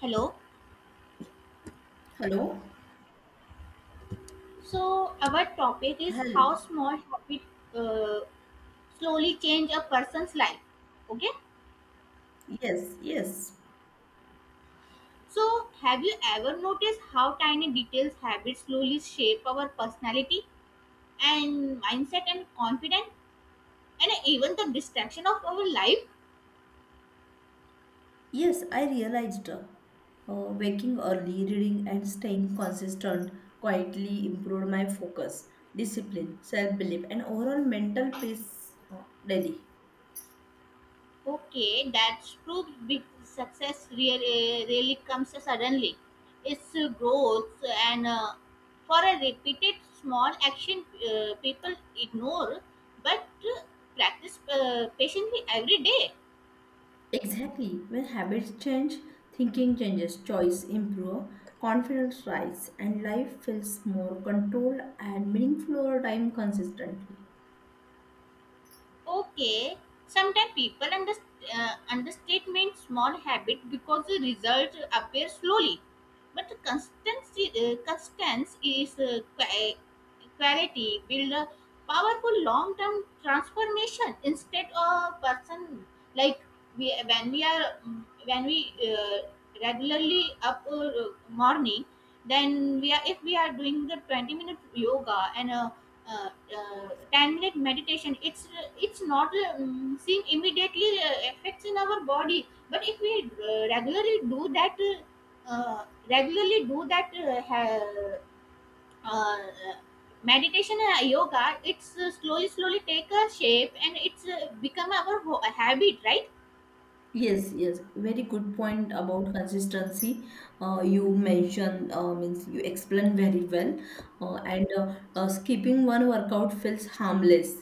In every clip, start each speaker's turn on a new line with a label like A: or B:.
A: Hello.
B: Hello?
A: So our topic is
B: Hello.
A: how small habit uh, slowly change a person's life. Okay.
B: Yes, yes.
A: So have you ever noticed how tiny details habits slowly shape our personality and mindset and confidence and even the distraction of our life?
B: Yes, I realized waking early, reading, and staying consistent quietly improved my focus, discipline, self belief, and overall mental peace daily.
A: Okay, that's proves big success really, really comes suddenly. It's growth and for a repeated small action people ignore but practice patiently every day.
B: Exactly. When habits change, thinking changes, choice improve, confidence rise, and life feels more controlled and meaningful over time consistently.
A: Okay, sometimes people understatement small habit because the result appears slowly, but the constancy constance is quality build a powerful long term transformation instead of person. Like we are when we regularly up morning, then we are, if we are doing the 20-minute yoga and uh, uh, 10-minute meditation, it's not seen immediately effects in our body. But if we regularly do that uh, regularly do that uh, ha- uh, meditation and yoga, it's slowly take a shape and it's become our habit, right?
B: Yes, yes, very good point about consistency. You mentioned means you explained very well, and skipping one workout feels harmless.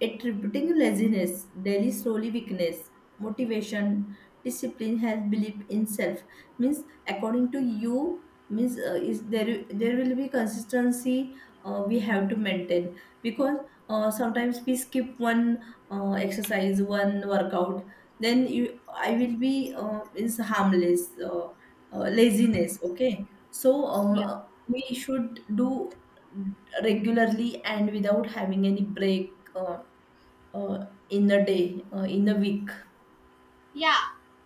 B: It repeating laziness, daily slowly weakness, motivation, discipline, health, belief in self means according to you means is there will be consistency we have to maintain because sometimes we skip one exercise, one workout then you I will be is harmless, laziness. Okay, so we should do regularly and without having any break in a day in a week.
A: Yeah,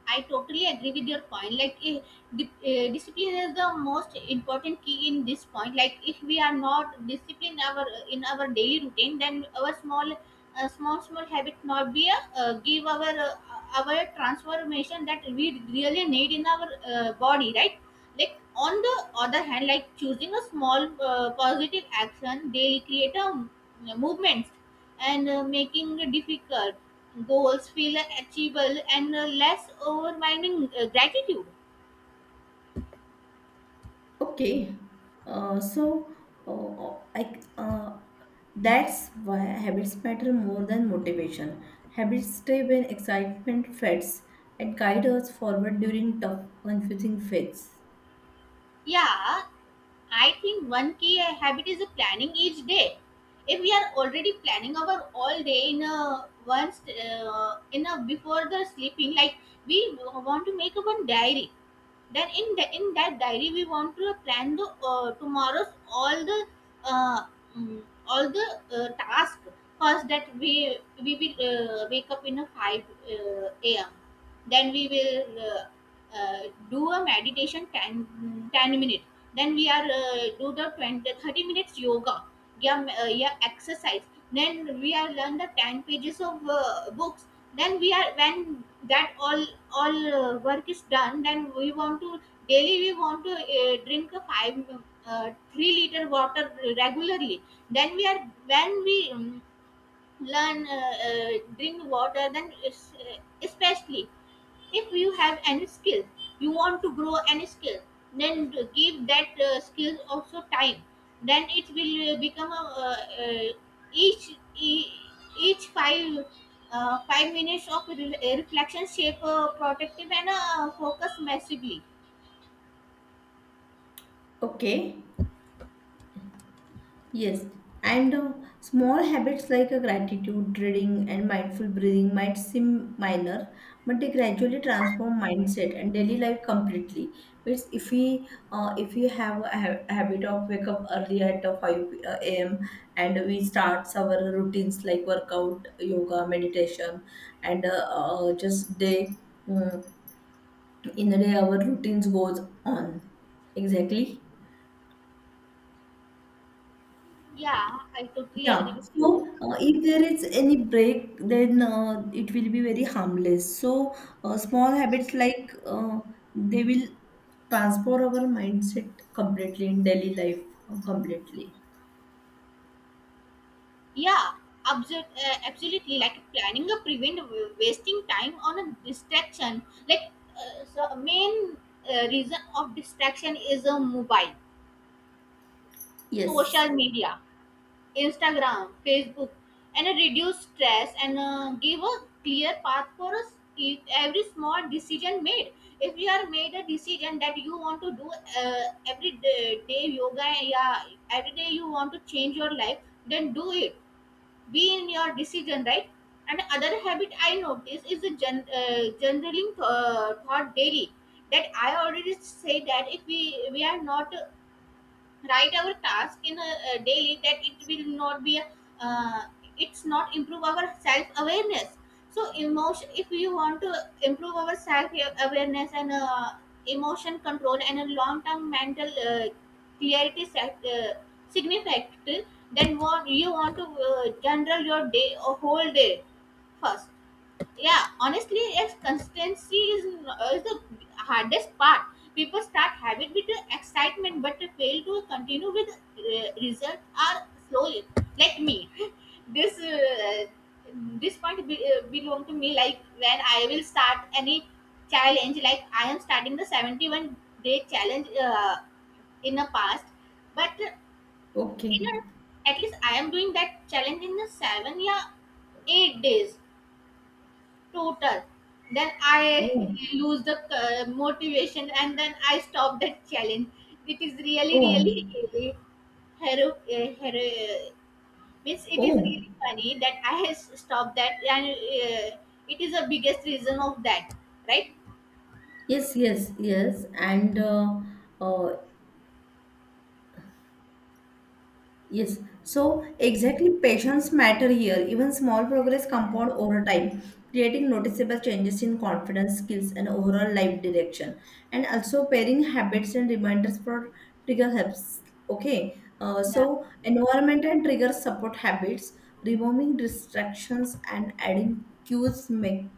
A: I totally agree with your point. Like, discipline is the most important key in this point. Like, if we are not disciplined our in our daily routine, then our small habit not be a give our our transformation that we really need in our body, right? Like on the other hand, like choosing a small positive action daily create a movement and making difficult goals feel achievable and less overwhelming gratitude.
B: Okay, so I uh, that's why habits matter more than motivation. Habits stay when excitement fades and guide us forward during tough, confusing phases.
A: Yeah, I think one key habit is planning each day. If we are already planning our all day in a once in a before the sleeping, like we want to make a one diary, then in that diary we want to plan the tomorrow's uh, all the task first, that we will wake up in a 5 am, then we will uh, do a meditation 10 10 minute, then we are do the 20-30 minutes yoga, yeah, yeah exercise, then we are learn the 10 pages of books, then we are when that all work is done, then we want to daily we want to drink a 5 3-liter water regularly, then we are when we learn uh, drink water, then it's, especially if you have any skill you want to grow any skill, then give that skill also time, then it will become a, each e- each five minutes of reflection shape protective and focus massively.
B: Okay. Yes, and small habits like a gratitude, reading, and mindful breathing might seem minor, but they gradually transform mindset and daily life completely. Means if we have a habit of wake up early at 5 a.m. and we start our routines like workout, yoga, meditation, and just day mm, in the day our routines goes on. Exactly.
A: Yeah, I totally agree
B: Yeah.
A: with
B: So,
A: you.
B: if there is any break, then it will be very harmless. So, small habits like they will transform our mindset completely in daily life completely.
A: Yeah, absolutely. Like planning a prevent wasting time on a distraction. Like so main reason of distraction is a mobile,
B: Yes.
A: social media, Instagram, Facebook, and a reduce stress and give a clear path for us. If every small decision made, if you are made a decision that you want to do every day yoga, yeah, every day you want to change your life, then do it, be in your decision, right? And other habit I notice is the generaling thought daily, that I already say that if we are not write our task in a daily, that it will not be uh, it's not improve our self awareness. So emotion, if you want to improve our self awareness and emotion control and a long term mental clarity self significant, then what you want to general your day or whole day first. Yeah, honestly, yes, consistency is the hardest part. People start habit with the excitement but they fail to continue with result are slowly, like me. this uh, this point belong to me. Like when I will start any challenge, like I am starting the 71-day challenge in the past, but you
B: Okay.
A: know at least I am doing that challenge in the 7, yeah, 8 days total, then I
B: Oh.
A: lose the motivation and then I stop that challenge. It is really
B: Oh.
A: really hero, means it is
B: Oh.
A: really funny that I has stopped that, and it is the biggest reason of that, right?
B: Yes. Yes. Yes. Uh, Yes, so exactly patience matter here. Even small progress compound over time, creating noticeable changes in confidence, skills, and overall life direction. And also pairing habits and reminders for trigger helps. Okay,
A: Yeah.
B: so environment and triggers support habits, removing distractions and adding cues make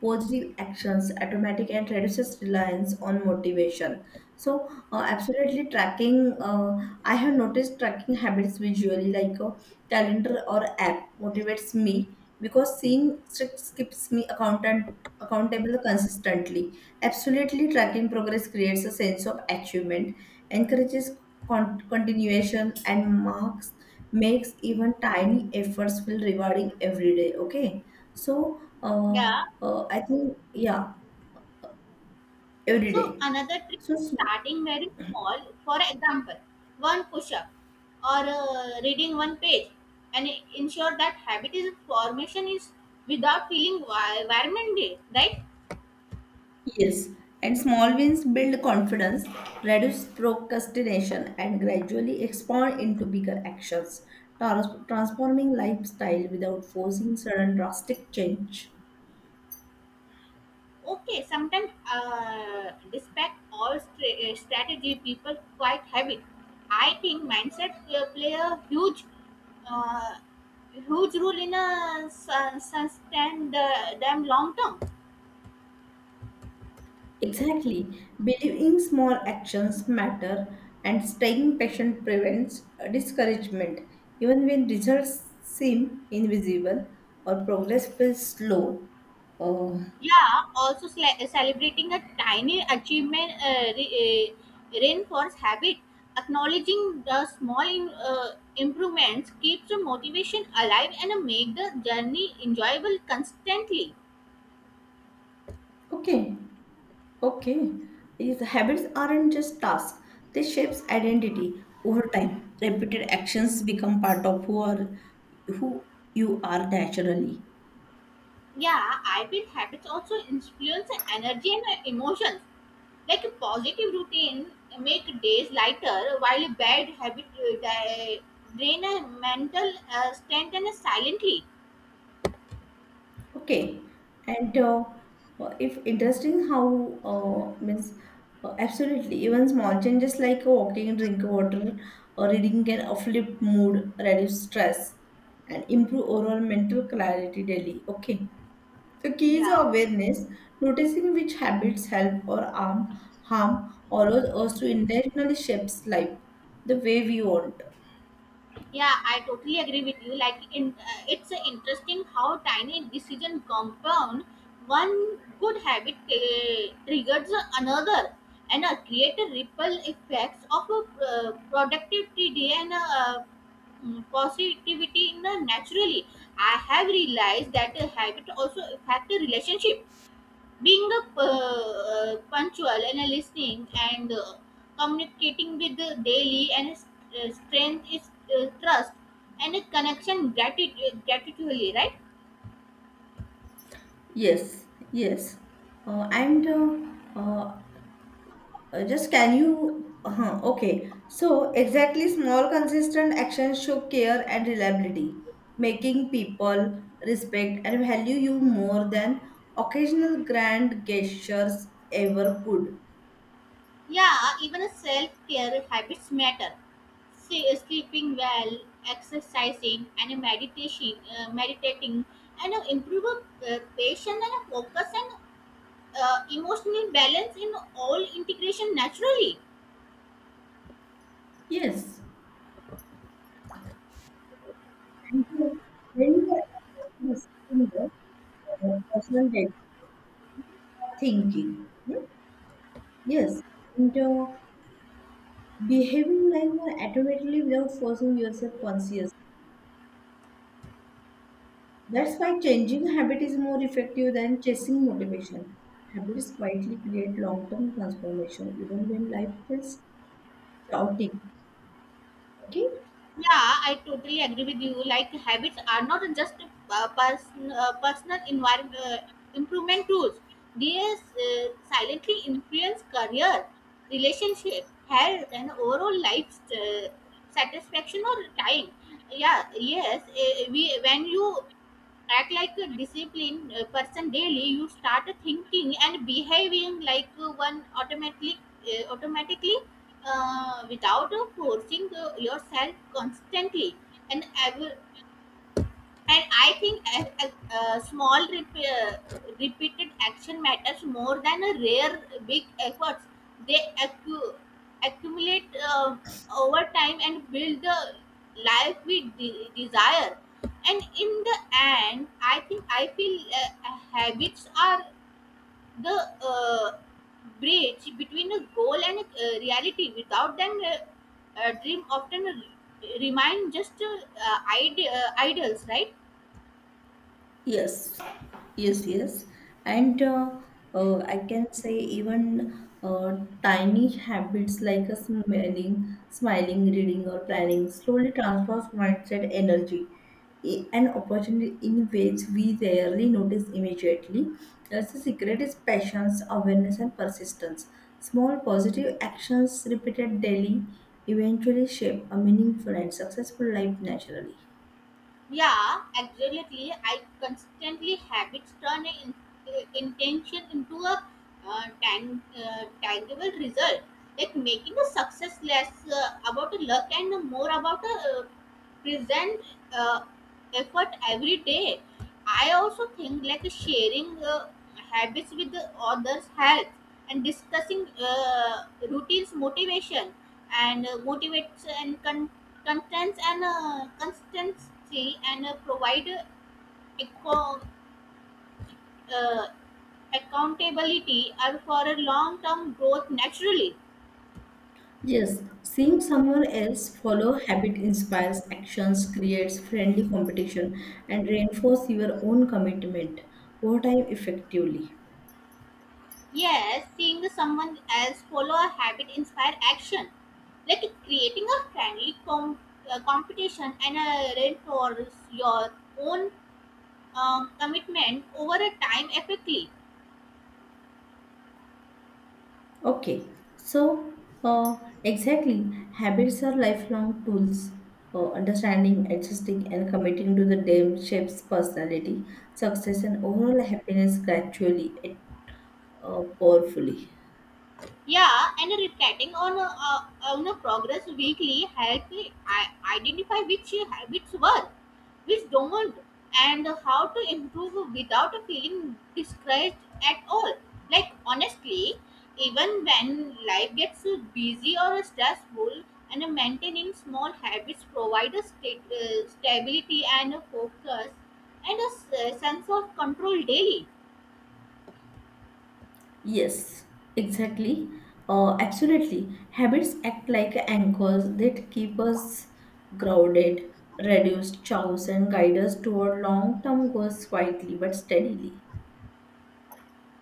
B: positive actions automatic and reduces reliance on motivation. So absolutely tracking, uh, I have noticed tracking habits visually like a calendar or app motivates me because seeing streaks keeps me accountant accountable consistently. Absolutely, tracking progress creates a sense of achievement, encourages continuation, and marks makes even tiny efforts feel rewarding every day. Okay, so uh,
A: Yeah.
B: I think, yeah, every
A: So
B: day.
A: another trick
B: So,
A: is
B: sm-
A: starting very small. For example, one push-up or reading one page, and ensure that habit is formation is without feeling environment, right?
B: yes, and small wins build confidence, reduce procrastination, and gradually expand into bigger actions, transforming lifestyle without forcing sudden drastic change.
A: Okay, sometimes despite all strategy, people quite habit. I think mindset play a uh, huge role in a sustain the, them long term.
B: Exactly. Believing small actions matter and staying patient prevents discouragement. Even when results seem invisible or progress feels slow. Uh,
A: Yeah, also celebrating a tiny achievement reinforce habit. Acknowledging the small improvements keeps the motivation alive and make the journey enjoyable constantly.
B: okay. Okay, these habits aren't just tasks, they shapes identity over time. Repeated actions become part of who you are naturally.
A: Yeah, I feel habits also influence the energy and emotions. Like a positive routine make days lighter, while a bad habit drain a mental strength and silently.
B: Okay, and if interesting how means absolutely even small changes like walking, drinking water, or reading can uplift mood, reduce stress, and improve overall mental clarity daily. Okay, the keys
A: Yeah.
B: are awareness, noticing which habits help or harm, or allows us to intentionally shape life the way we want.
A: Yeah, I totally agree with you. Like, in, it's interesting how tiny decision compound one good habit triggers another, and create a ripple effects of a productivity and positivity in the naturally. I have realized that a habit also affect the relationship, being a punctual and a listening and communicating with the daily and strength is trust and a connection gratitude gratitudely, right?
B: Yes, yes. And just can you? Okay. So exactly, small consistent actions show care and reliability, making people respect and value you more than occasional grand gestures ever could.
A: Yeah, even a self-care habits matter. See, sleeping well, exercising and a meditation meditating and improve patience and a focus and emotional balance in all integration naturally.
B: Yes. And so when you are assessing the personal data thinking, hmm? Yes, and behaving like one automatically without forcing yourself conscious. That's why changing habit is more effective than chasing motivation. Habits quietly create long-term transformation even when life feels chaotic. Okay?
A: Yeah, I totally agree with you. Like habits are not just personal environment improvement tools. They silently influence career, relationship, health, and overall life satisfaction or time. Yeah, yes, we when you act like a disciplined person daily, you start thinking and behaving like one automatically without forcing yourself constantly, and ev- and I think a small repeated action matters more than a rare big efforts. They accu- accumulate over time and build the life we desire. And in the end, I think I feel habits are the bridge between a goal and a reality. Without them, a dream often remain just ideals, right?
B: Yes, yes, yes. And I can say even tiny habits like a smiling, reading, or planning slowly transforms mindset energy and opportunity in ways we rarely notice immediately. That's the secret is patience, awareness, and persistence. Small positive actions repeated daily eventually shape a meaningful and successful life naturally.
A: Yeah, absolutely. I constantly habits turn intention into a tangible result, like making a success less about a luck and more about a present uh, effort every day. I also think like sharing habits with the others helps, and discussing routines motivation and motivates and contents and consistency and provide eco- uh, accountability are for a long-term growth naturally.
B: Yes, seeing someone else follow habit inspires actions, creates friendly competition, and reinforce your own commitment. What time, effectively.
A: Yes, seeing someone else follow a habit inspire action, like creating a friendly competition and reinforce your own commitment over a time effectively.
B: Okay, so exactly, habits are lifelong tools. Understanding, adjusting, and committing to the them shapes personality, success, and overall happiness gradually, powerfully.
A: Yeah, and reflecting on a progress weekly help me I identify which habits work, which don't, and how to improve without feeling discouraged at all. Like honestly, even when life gets busy or stressful, and maintaining small habits provide a stability and a focus and a sense of control daily.
B: Yes, exactly. Absolutely. Habits act like anchors that keep us grounded, reduce chaos, and guide us toward long term goals quietly but steadily.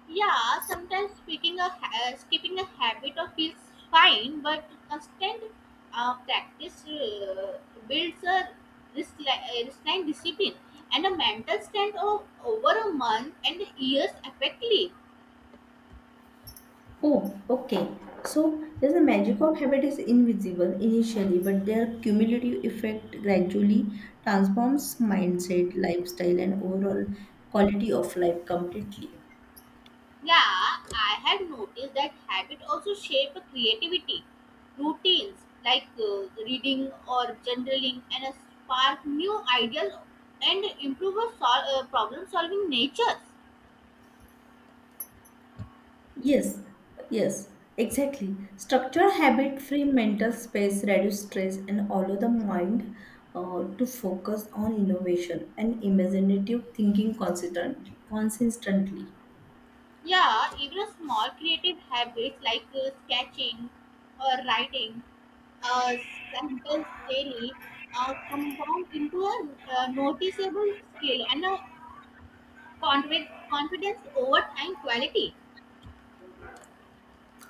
A: Yeah, sometimes skipping a habit or feels fine, but constant practice builds a resilient discipline and a mental strength of over a month and years effectively.
B: Oh, okay. So, there's the magic of habit is invisible initially, but their cumulative effect gradually transforms mindset, lifestyle, and overall quality of life completely.
A: Yeah, I have noticed that habit also shape creativity routines like reading or journaling and spark new ideas and improve a problem solving nature.
B: Yes, yes, exactly. Structure habit-free mental space reduce stress and allow the mind to focus on innovation and imaginative thinking consistently.
A: Yeah, even small creative habits like sketching or writing a sentence daily compound into a noticeable skill and a confidence over time quality.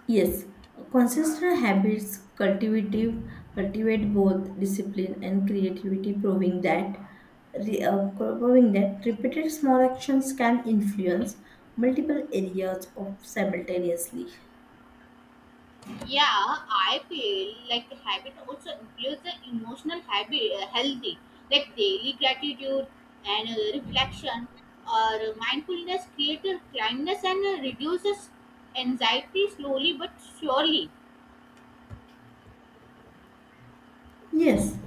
B: Yes, consistent habits cultivative cultivate both discipline and creativity, proving that repeated small actions can influence multiple areas of simultaneously.
A: Yeah, I feel like the habit also includes the emotional healthy, like daily gratitude and reflection or mindfulness, creative kindness, and reduces anxiety slowly but surely.
B: Yes,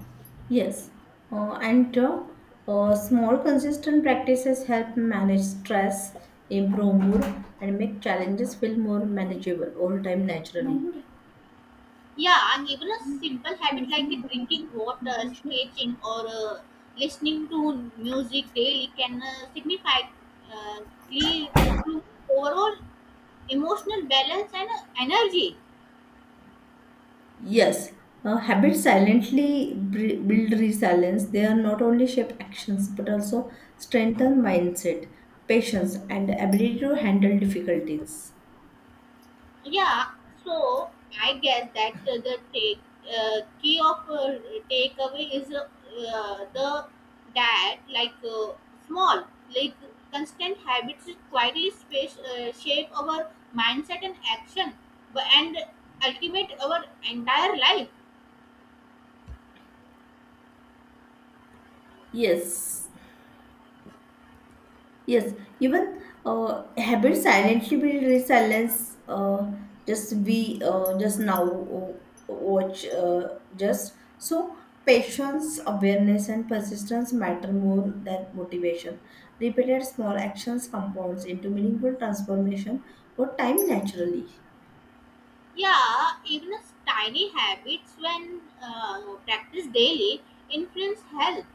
B: yes. And small, consistent practices help manage stress, improve mood, and make challenges feel more manageable all time naturally.
A: Yeah, even a simple habit like drinking water, sketching, or listening to music daily can signify uh, improve overall emotional balance and energy.
B: Yes, habits silently build resilience. They are not only shape actions but also strengthen mindset, patience, and ability to handle difficulties.
A: Yeah, so I guess that the take key of takeaway is the that like small like constant habits quietly space shape our mindset and action, and ultimate our entire life.
B: Yes. Yes, even habits silently build resilience. Just we just now watch just So patience, awareness, and persistence matter more than motivation. Repeated small actions compounds into meaningful transformation over time naturally.
A: Yeah, even as tiny habits when practiced daily influence health,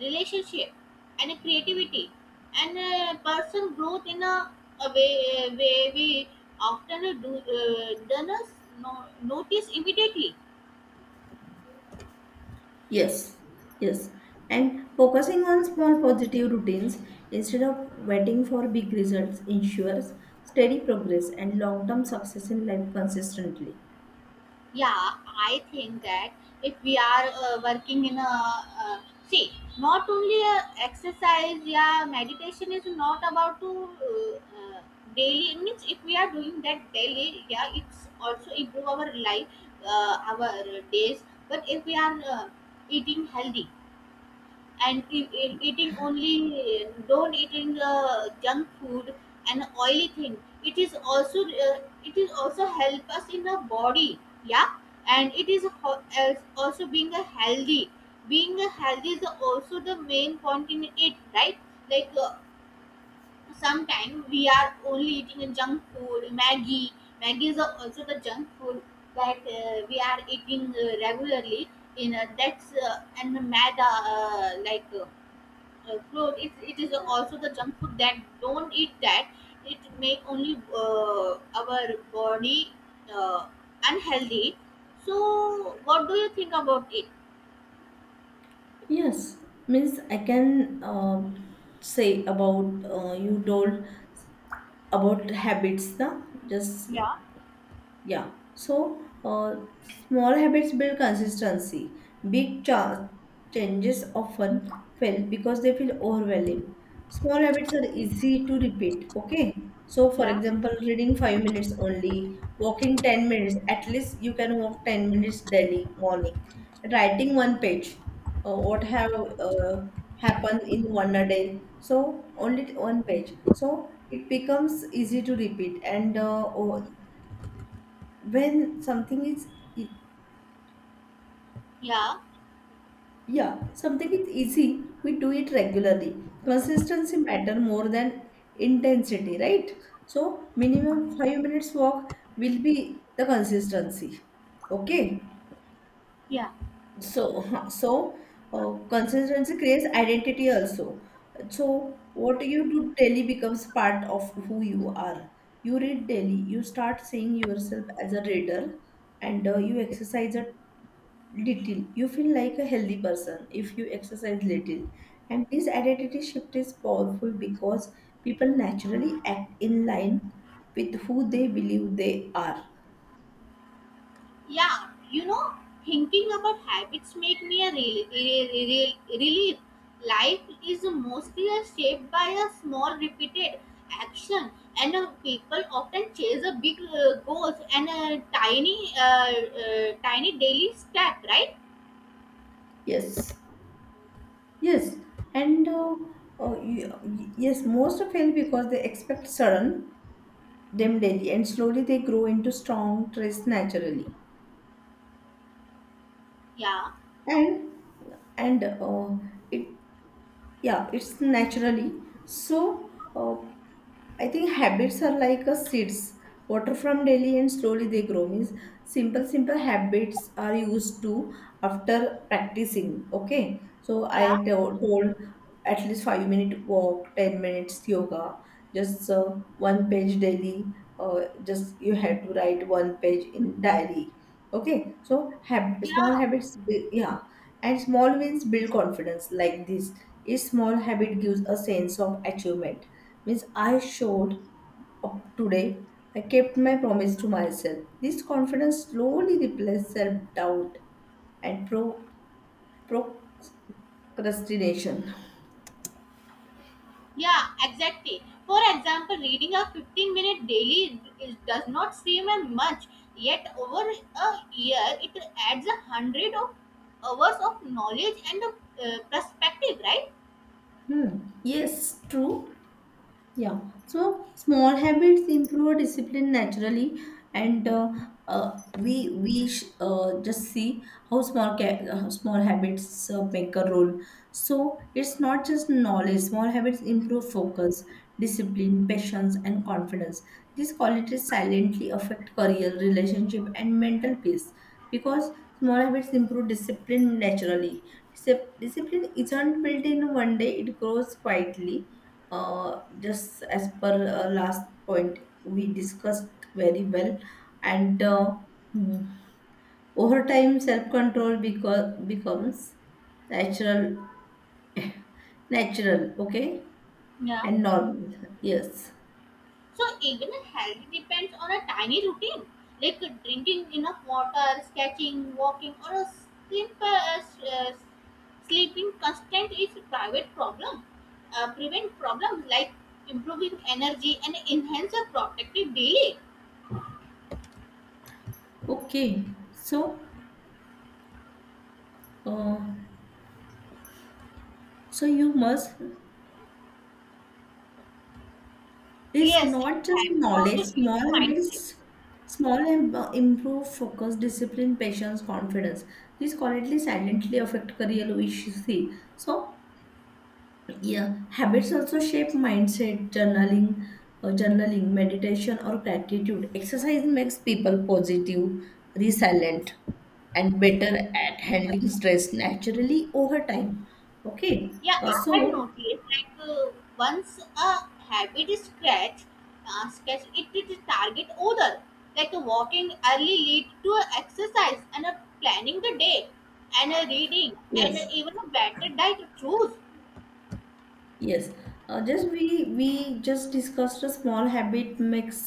A: relationship, and creativity, and personal growth in a way, way we often do don't us no, notice immediately.
B: Yes, yes. And focusing on small positive routines instead of waiting for big results ensures steady progress and long term success in life consistently.
A: Yeah, I think that if we are working in a, see, not only a exercise. Yeah, meditation is not about to daily. Means if we are doing that daily, yeah, it's also improve our life, our days. But if we are eating healthy and eating only, don't eating junk food and oily thing, it is also, uh, it is also help us in the body. Yeah, and it is as also being a healthy. Being a healthy is also the main point in it, right? Like sometimes we are only eating a junk food, maggie. Maggie is also the junk food that we are eating regularly in, that's and the maida, clothes. It is also the junk food that don't eat that. It make only our body uh, unhealthy. So, what do you think about it?
B: Yes, means I can say about you told about habits, na? Just
A: Yeah.
B: Yeah. So, small habits build consistency. Big changes often fail because they feel overwhelming. Small habits are easy to repeat. Okay. So, for
A: Yeah.
B: example, reading 5 minutes only, walking 10 minutes, at least you can walk 10 minutes daily morning, writing one page, what have happened in one a day. So, only one page. So, it becomes easy to repeat and oh, when something is e-
A: Yeah,
B: yeah, something is easy, we do it regularly. Consistency matter more than intensity, right? So minimum 5 minutes walk will be the consistency. Okay,
A: yeah.
B: so so consistency creates identity also. So what you do daily becomes part of who you are. You read daily, you start seeing yourself as a reader, and you exercise a little. You feel like a healthy person if you exercise little. And this identity shift is powerful because people naturally act in line with who they believe they are.
A: Yeah, you know, thinking about habits make me a relief. Life is mostly a shaped by a small repeated action, and people often chase a big goals and a tiny daily step, right?
B: Yes. Yes. And yes, most fail because they expect sudden, them daily, and slowly they grow into strong traits naturally.
A: Yeah,
B: And and it yeah, it's naturally. So uh, I think habits are like a seeds water from daily and slowly they grow means simple habits are used to after practicing. Okay, so
A: yeah,
B: I told at least 5-minute walk, 10 minutes yoga, just one page daily, just you have to write one page in diary.
A: yeah.
B: Yeah, and small wins build confidence like this. Each small habit gives a sense of achievement. Means I showed up today. I kept my promise to myself. This confidence slowly replaces self-doubt and procrastination.
A: Yeah, exactly. For example, reading a 15-minute daily is, does not seem as much, yet over a year it adds a hundred of hours of knowledge and a, perspective, right?
B: Hmm. Yes, true. Yeah, so small habits improve discipline naturally, and uh, we we sh just see how small habits make a role. So it's not just knowledge. Small habits improve focus, discipline, patience, and confidence. These qualities silently affect career, relationship, and mental peace because small habits improve discipline naturally. Discipline isn't built in one day; it grows quietly just as per last point we discussed very well, and mm, over time self-control becomes natural natural. Okay,
A: Yeah.
B: and normal. Yes.
A: So even health depends on a tiny routine, like drinking enough water, sketching, walking, or a simple sleeping constant is a private problem. Prevent problems like improving energy and enhance a protective daily.
B: okay so uh, so you must It's
A: Yes, and
B: not just
A: habits
B: knowledge,
A: also shape
B: small
A: the mindset.
B: habits, small and improve focus, discipline, patience, confidence. These quietly silently affect career efficiency. So yeah, habits also shape mindset, journaling, meditation or gratitude. Exercise makes people positive, resilient and better at handling stress naturally over time. Okay.
A: Yeah,
B: Uh,
A: I have
B: so
A: noticed like, once a habit is scratch, scratch it to target other. Like walking early lead to a exercise and a planning the day and a reading and
B: yes,
A: a even a better diet to choose.
B: Yes, just we just discussed a small habit makes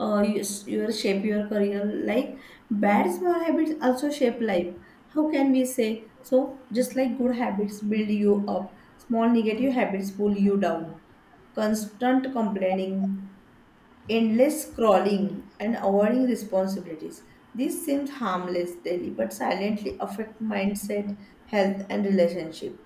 B: your shape your career. Like bad small habits also shape life. How can we say so? Just like good habits build you up, small negative habits pull you down. Constant complaining, endless scrolling, and avoiding responsibilities. This seems harmless daily, but silently affect mindset, health, and relationship.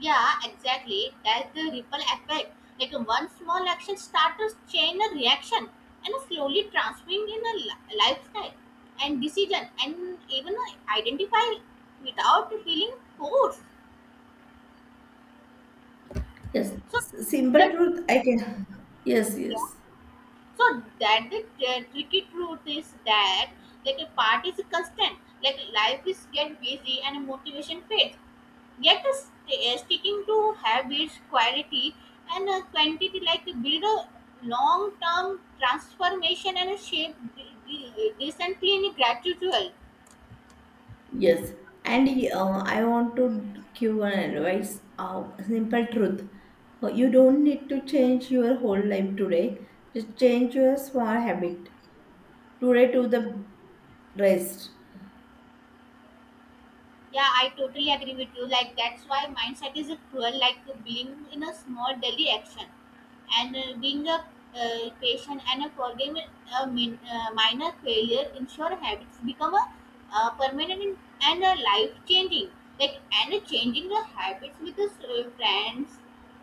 A: Yeah, exactly. That's the ripple effect. Like one small action starts a chain a reaction and a slowly transforming in a lifestyle and decision and even identify without feeling forced.
B: Yes,
A: So
B: simple
A: that,
B: truth. I can. Yes,
A: yeah.
B: yes,
A: So that the tricky truth is that like a part is constant. Like life is get busy and motivation fades. Yet the sticking to habits, quality and quantity, like build a long term transformation and a shape decently and gradual.
B: yes. And I want to give an advice. Simple truth. You don't need to change your whole life today. Just change your small habit today to the rest.
A: Yeah, I totally agree with you. Like that's why mindset is a cruel. Like being in a small daily action, and being a patient and a forgiving a minor failure ensure habits become a permanent and a life changing. Like and changing the habits with the friends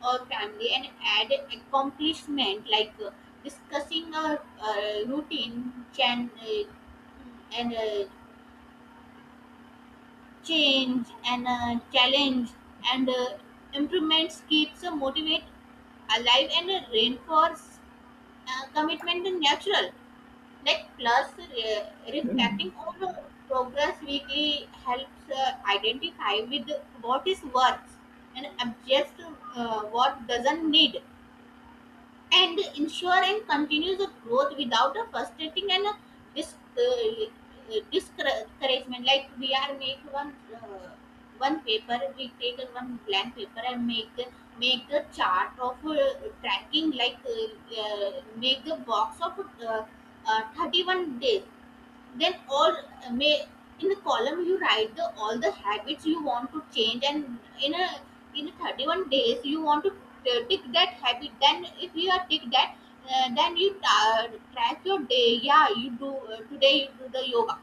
A: or family and add accomplishment like discussing a routine can. And change and challenge and improvements keeps motivate alive and reinforce commitment and natural. Like plus reflecting on the progress weekly helps identify with what is worth and adjust what doesn't need and ensure and ensuring the growth without a frustrating and a dis- uh, discouragement. Like we are make one paper, we take one blank paper and make the chart of tracking, like make a box of uh, 31 days, then all may in the column you write the all the habits you want to change, and in a 31 days you want to tick that habit. Then if you are tick that, then you track your day. Yeah, you do today, you do the yoga,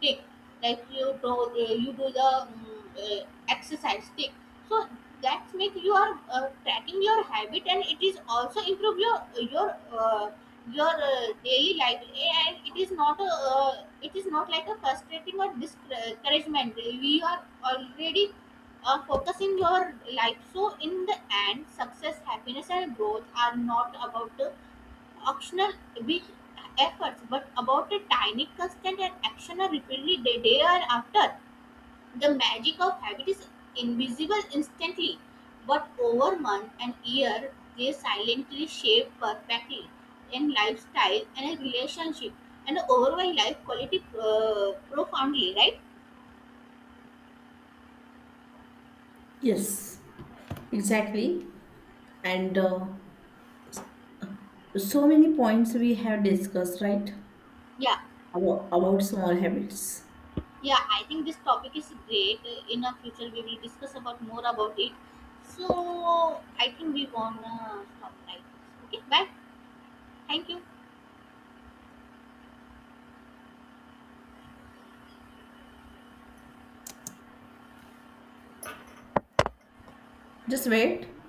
A: tick. Like you do the exercise, tick. So that's make you are tracking your habit, and it is also improve uh, your daily life. And it is not a, it is not like a frustrating or discouragement. We are already focusing your life. So in the end, success, happiness, and growth are not about the optional big efforts, but about a tiny constant and action repeatedly day, day after. The magic of habit is invisible instantly, but over months and years, they silently shape perfectly in lifestyle and a relationship and overall life quality, profoundly, right?
B: Yes, exactly. And so many points we have discussed, right?
A: Yeah,
B: About small habits.
A: yeah, I think this topic is great. In our future, we will discuss about more about it. So, I think we wanna stop, right? Okay, bye. Thank you.
B: Just wait.